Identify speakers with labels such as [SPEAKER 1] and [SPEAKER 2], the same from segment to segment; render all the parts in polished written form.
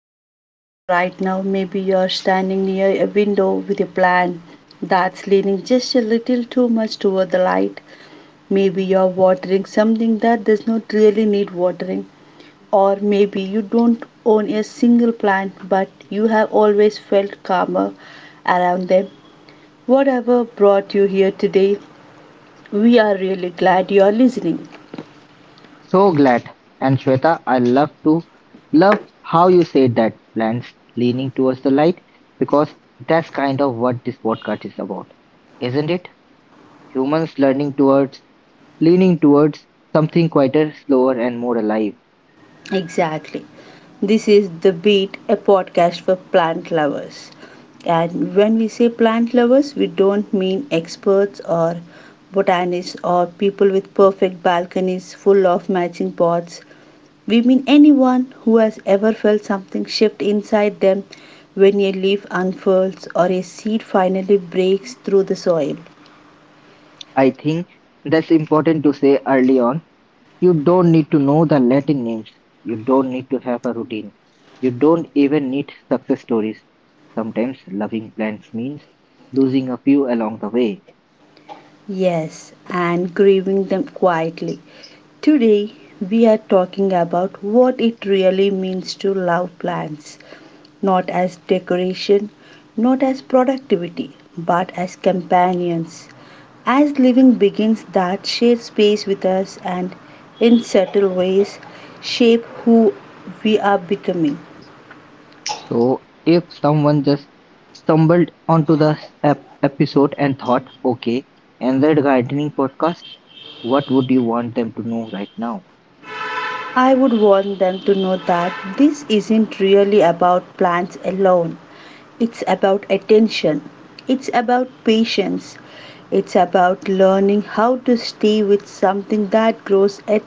[SPEAKER 1] If you are listening right now, maybe you are standing near a window with a plant that's leaning just a little too much toward the light. Maybe you are watering something that does not really need watering, or maybe you don't own a single plant but you have always felt calmer around them. Whatever brought you here today, we are really glad you are listening.
[SPEAKER 2] So glad. And Shweta, I love to love how you said that plants leaning towards the light because that's kind of what this podcast is about, isn't it? Humans learning towards, leaning towards something quieter, slower, and more alive.
[SPEAKER 1] Exactly. This is The Beat, a podcast for plant lovers. And when we say plant lovers, we don't mean experts or botanists or people with perfect balconies full of matching pots. We mean anyone who has ever felt something shift inside them when a leaf unfurls or a seed finally breaks through the soil.
[SPEAKER 2] I think that's important to say early on. You don't need to know the Latin names. You don't need to have a routine. You don't even need success stories. Sometimes loving plants means losing a few along the way.
[SPEAKER 1] Yes, and grieving them quietly. Today, we are talking about what it really means to love plants, not as decoration, not as productivity, but as companions. As living beings that share space with us and, in subtle ways, shape who we are becoming.
[SPEAKER 2] So if someone just stumbled onto this episode and thought, okay, and that gardening podcast, what would you want them to know right now?
[SPEAKER 1] I would want them to know that this isn't really about plants alone. It's about attention. It's about patience. It's about learning how to stay with something that grows at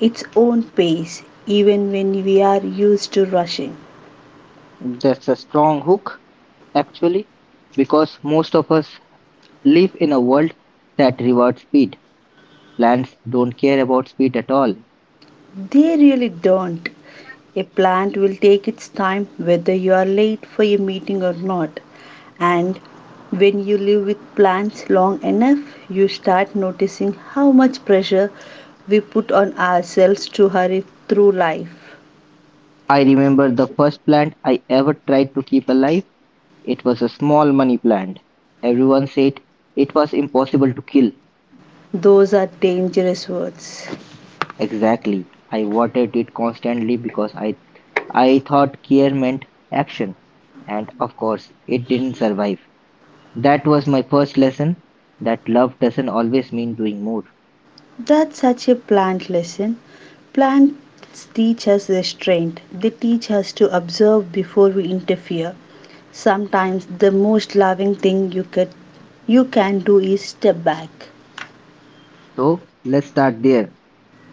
[SPEAKER 1] its own pace, even when we are used to rushing.
[SPEAKER 2] That's a strong hook, actually, because most of us live in a world that rewards speed. Plants don't care about speed at all.
[SPEAKER 1] They really don't. A plant will take its time whether you are late for a meeting or not. And when you live with plants long enough, you start noticing how much pressure we put on ourselves to hurry through life.
[SPEAKER 2] I remember the first plant I ever tried to keep alive. It was a small money plant. Everyone said it was impossible to kill.
[SPEAKER 1] Those are dangerous words.
[SPEAKER 2] Exactly. I watered it constantly because I thought care meant action. And of course, it didn't survive. That was my first lesson that love doesn't always mean doing more.
[SPEAKER 1] That's such a plant lesson. Plants teach us restraint, they teach us to observe before we interfere. Sometimes the most loving thing you can do is step back.
[SPEAKER 2] So, let's start there.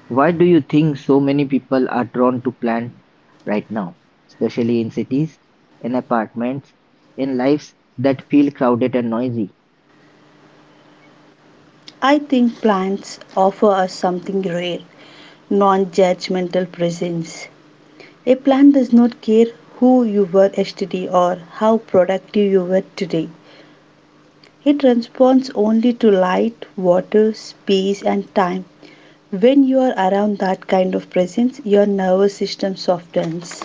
[SPEAKER 2] Why do you think so many people are drawn to plants right now, especially in cities, in apartments, in lives that feel crowded and noisy?
[SPEAKER 1] I think plants offer us something rare, non-judgmental presence. A plant does not care who you were yesterday or how productive you were today. It responds only to light, water, space, and time. When you are around that kind of presence, your nervous system softens.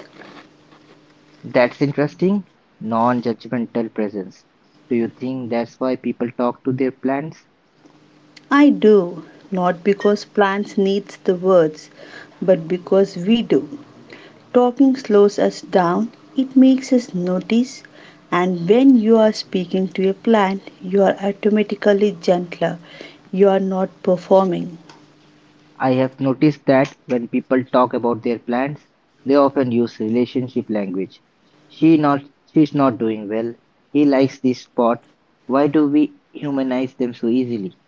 [SPEAKER 2] That's interesting. Non-judgmental presence. Do you think that's why people talk to their plants?
[SPEAKER 1] I do, not because plants needs the words, but because we do. Talking slows us down, it makes us notice, and when you are speaking to a plant, you are automatically gentler. You are not performing.
[SPEAKER 2] I have noticed that when people talk about their plants, they often use relationship language. She not she's not doing well. He likes this spot. Why do we humanize them so easily?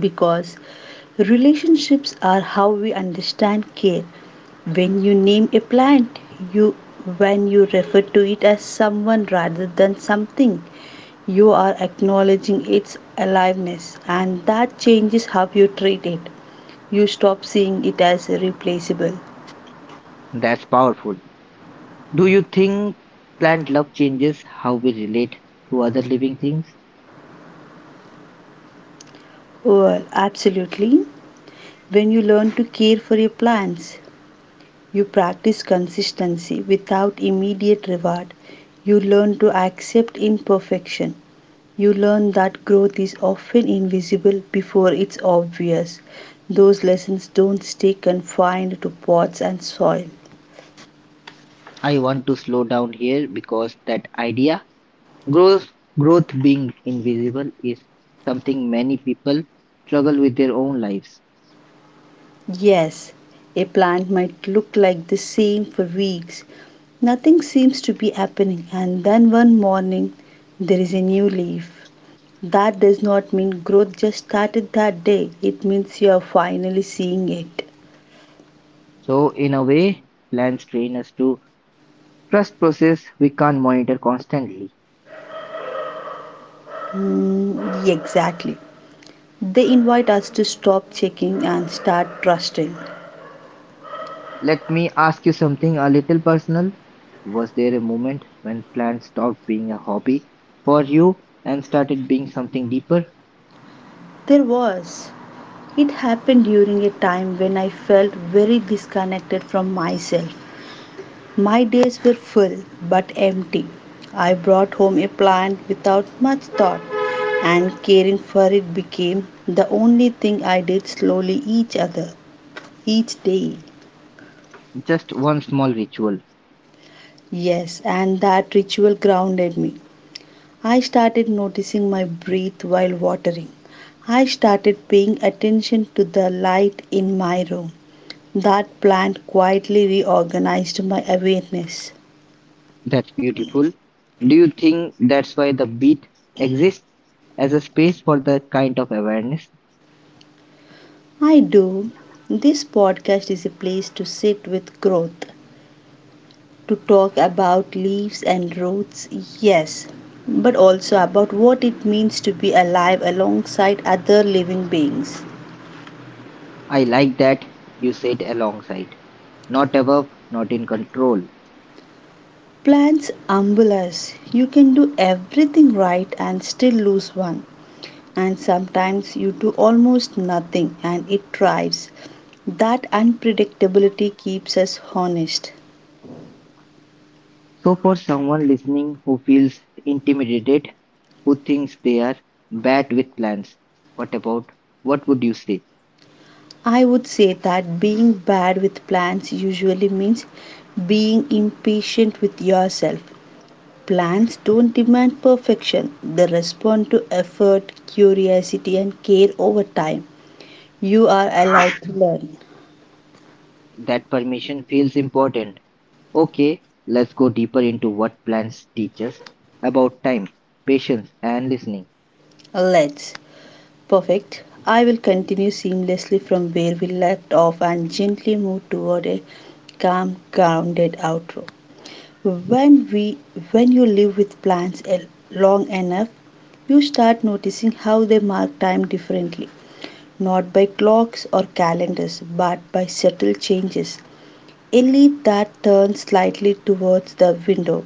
[SPEAKER 1] Because relationships are how we understand care. When you name a plant, you when you refer to it as someone rather than something, you are acknowledging its aliveness and that changes how you treat it. You stop seeing it as replaceable.
[SPEAKER 2] That's powerful. Do you think plant love changes how we relate to other living things?
[SPEAKER 1] Well, absolutely. When you learn to care for your plants, you practice consistency without immediate reward. You learn to accept imperfection. You learn that growth is often invisible before it's obvious. Those lessons don't stay confined to pots and soil.
[SPEAKER 2] I want to slow down here because that idea. Growth, growth being invisible is something many people struggle with their own lives.
[SPEAKER 1] Yes, a plant might look like the same for weeks. Nothing seems to be happening, and then one morning there is a new leaf. That does not mean growth just started that day, it means you are finally seeing it.
[SPEAKER 2] So, in a way, plans train us to trust process we can't monitor constantly.
[SPEAKER 1] Exactly. They invite us to stop checking and start trusting.
[SPEAKER 2] Let me ask you something a little personal. Was there a moment when plans stopped being a hobby for you and started being something deeper?
[SPEAKER 1] There was. It happened during a time when I felt very disconnected from myself. My days were full but empty. I brought home a plant without much thought, and caring for it became the only thing I did slowly each day.
[SPEAKER 2] Just one small ritual.
[SPEAKER 1] Yes, and that ritual grounded me. I started noticing my breath while watering. I started paying attention to the light in my room. That plant quietly reorganized my awareness.
[SPEAKER 2] That's beautiful. Do you think that's why the beat exists as a space for that kind of awareness?
[SPEAKER 1] I do. This podcast is a place to sit with growth, to talk about leaves and roots, yes, but also about what it means to be alive alongside other living beings.
[SPEAKER 2] I like that you said alongside, not above, not in control.
[SPEAKER 1] Plants humble us. You can do everything right and still lose one. And sometimes you do almost nothing and it thrives. That unpredictability keeps us honest.
[SPEAKER 2] So, for someone listening who feels intimidated, who thinks they are bad with plans, what about what would you say?
[SPEAKER 1] I would say that being bad with plans usually means being impatient with yourself. Plans don't demand perfection, they respond to effort, curiosity, and care over time. You are allowed to learn.
[SPEAKER 2] That permission feels important. Okay, let's go deeper into what plans teach us about time, patience, and listening.
[SPEAKER 1] Let's. Perfect. I will continue seamlessly from where we left off and gently move toward a calm, grounded outro. when we when you live with plants long enough, you start noticing how they mark time differently, not by clocks or calendars but by subtle changes: a leaf that turns slightly towards the window,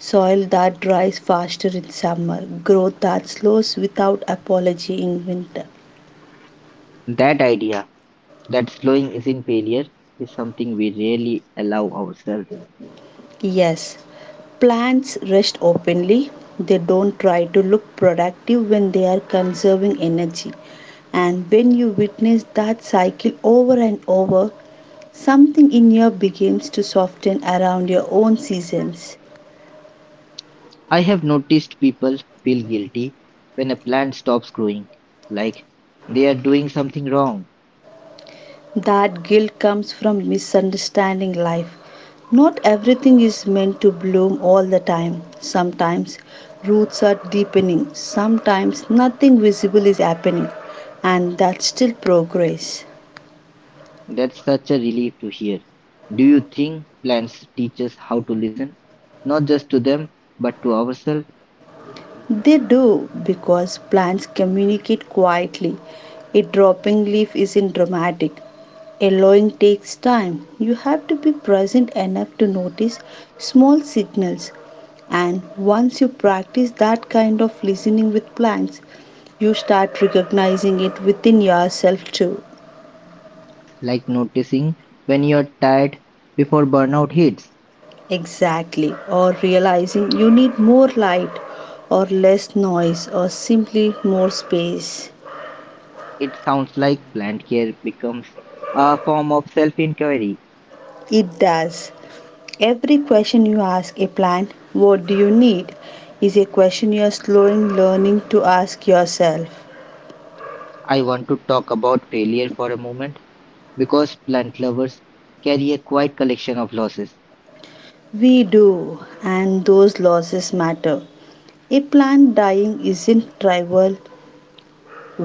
[SPEAKER 1] soil that dries faster in summer, growth that slows without apology in winter.
[SPEAKER 2] That idea that slowing isn't failure is something we rarely allow ourselves.
[SPEAKER 1] Yes, plants rest openly. They don't try to look productive when they are conserving energy, and when you witness that cycle over and over, something in you begins to soften around your own seasons.
[SPEAKER 2] I have noticed people feel guilty when a plant stops growing, like they are doing something wrong.
[SPEAKER 1] That guilt comes from misunderstanding life. Not everything is meant to bloom all the time. Sometimes roots are deepening, sometimes nothing visible is happening, and that's still progress.
[SPEAKER 2] That's such a relief to hear. Do you think plants teach us how to listen? Not just to them, but to ourselves,
[SPEAKER 1] They do because plants communicate quietly. A dropping leaf isn't dramatic. A Allowing takes time. You have to be present enough to notice small signals. And once you practice that kind of listening with plants, you start recognizing it within yourself too.
[SPEAKER 2] like noticing when you're tired before burnout hits.
[SPEAKER 1] Exactly. Or realizing you need more light, or less noise, or simply more space.
[SPEAKER 2] It sounds like plant care becomes a form of self inquiry.
[SPEAKER 1] It does. Every question you ask a plant, what do you need, is a question you are slowly learning to ask yourself.
[SPEAKER 2] I want to talk about failure for a moment because plant lovers carry a quiet collection of losses.
[SPEAKER 1] We do, and those losses matter. A plant dying isn't trivial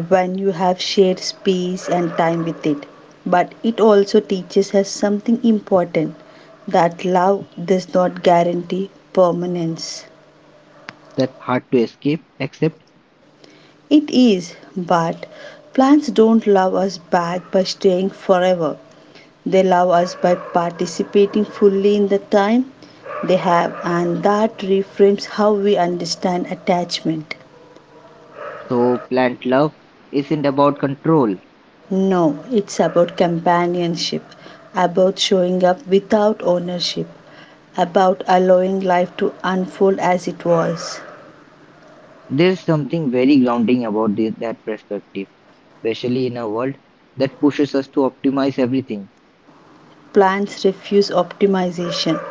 [SPEAKER 1] when you have shared space and time with it, but it also teaches us something important, that love does not guarantee permanence.
[SPEAKER 2] That's hard to accept.
[SPEAKER 1] It is, but plants don't love us back by staying forever. They love us by participating fully in the time they have, and that reframes how we understand attachment.
[SPEAKER 2] So, plant love isn't about control.
[SPEAKER 1] No, it's about companionship, about showing up without ownership, about allowing life to unfold as it was.
[SPEAKER 2] There's something very grounding about this, that perspective, especially in a world that pushes us to optimize everything.
[SPEAKER 1] Plants refuse optimization.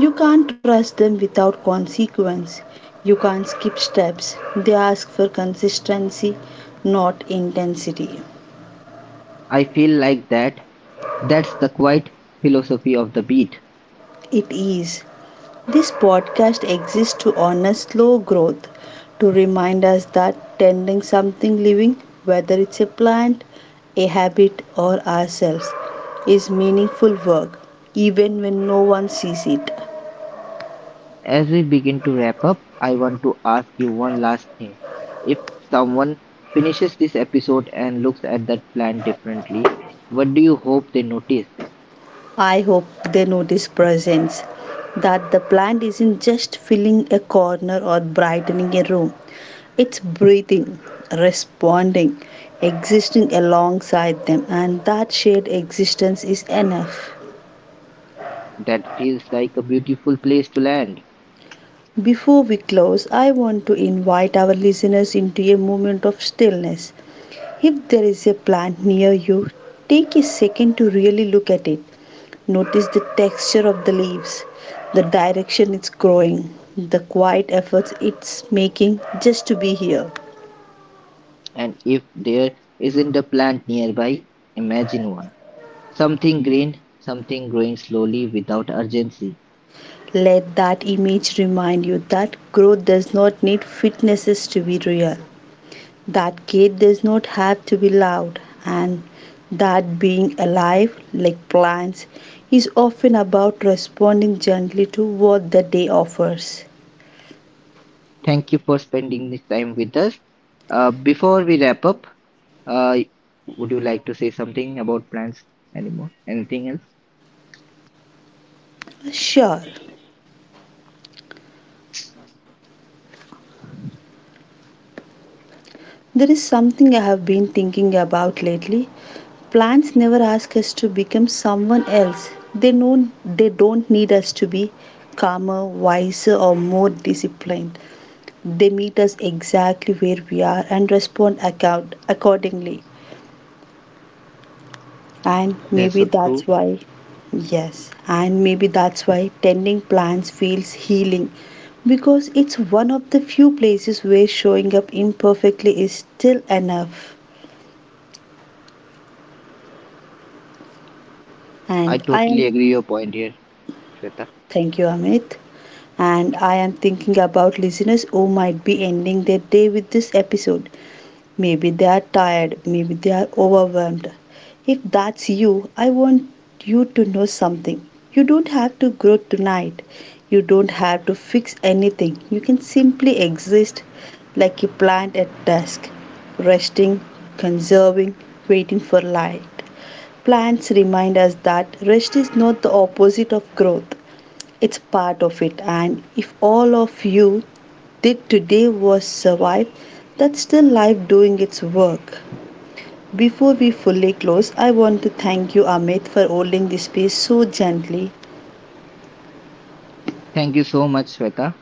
[SPEAKER 1] You can't trust them without consequence. You can't skip steps. They ask for consistency, not intensity.
[SPEAKER 2] I feel like that. That's the quiet philosophy of the beat.
[SPEAKER 1] It is. This podcast exists to honor slow growth, to remind us that tending something living, whether it's a plant, a habit, or ourselves, is meaningful work, even when no one sees it.
[SPEAKER 2] As we begin to wrap up, I want to ask you one last thing. If someone finishes this episode and looks at that plant differently, what do you hope they notice?
[SPEAKER 1] I hope they notice presence, that the plant isn't just filling a corner or brightening a room, it's breathing, responding, existing alongside them, and that shared existence is enough.
[SPEAKER 2] That feels like a beautiful place to land.
[SPEAKER 1] Before we close, I want to invite our listeners into a moment of stillness. If there is a plant near you, take a second to really look at it. Notice the texture of the leaves, the direction it's growing, the quiet efforts it's making just to be here.
[SPEAKER 2] And if there isn't a plant nearby, imagine one. Something green, something growing slowly without urgency.
[SPEAKER 1] Let that image remind you that growth does not need fitnesses to be real, that gate does not have to be loud, and that being alive like plants is often about responding gently to what the day offers.
[SPEAKER 2] Thank you for spending this time with us. Before we wrap up, uh, would you like to say something about plants anymore? Anything else?
[SPEAKER 1] Sure, there is something I have been thinking about lately. Plants never ask us to become someone else. They know they don't need us to be calmer, wiser or more disciplined. They meet us exactly where we are and respond accordingly. And
[SPEAKER 2] That's
[SPEAKER 1] maybe
[SPEAKER 2] so
[SPEAKER 1] that's
[SPEAKER 2] true.
[SPEAKER 1] why, yes, and maybe that's why tending plants feels healing, because it's one of the few places where showing up imperfectly is still enough.
[SPEAKER 2] I
[SPEAKER 1] And I
[SPEAKER 2] totally
[SPEAKER 1] am,
[SPEAKER 2] agree your point here, Shweta.
[SPEAKER 1] thank you, Amit. And I am thinking about listeners who might be ending their day with this episode. Maybe they are tired, maybe they are overwhelmed. If that's you, I want you to know something. You don't have to grow tonight. You don't have to fix anything. You can simply exist like a plant at dusk, resting, conserving, waiting for light. Plants remind us that rest is not the opposite of growth, it's part of it. And if all of you did today was survive. That's still life doing its work. Before we fully close, I want to thank you, Amit, for holding the space so gently.
[SPEAKER 2] Thank you so much, Shweta.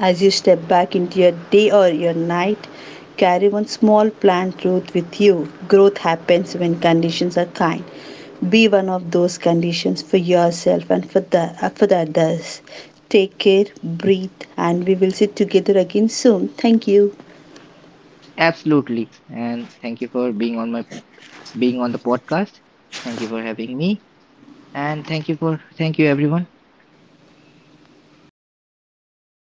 [SPEAKER 1] As you step back into your day or your night, carry one small plant root with you. Growth happens when conditions are kind. Be one of those conditions for yourself and for the others. Take care, breathe, and we will sit together again soon. Thank you.
[SPEAKER 2] Absolutely. And thank you for being on the podcast. Thank you for having me. And thank you everyone.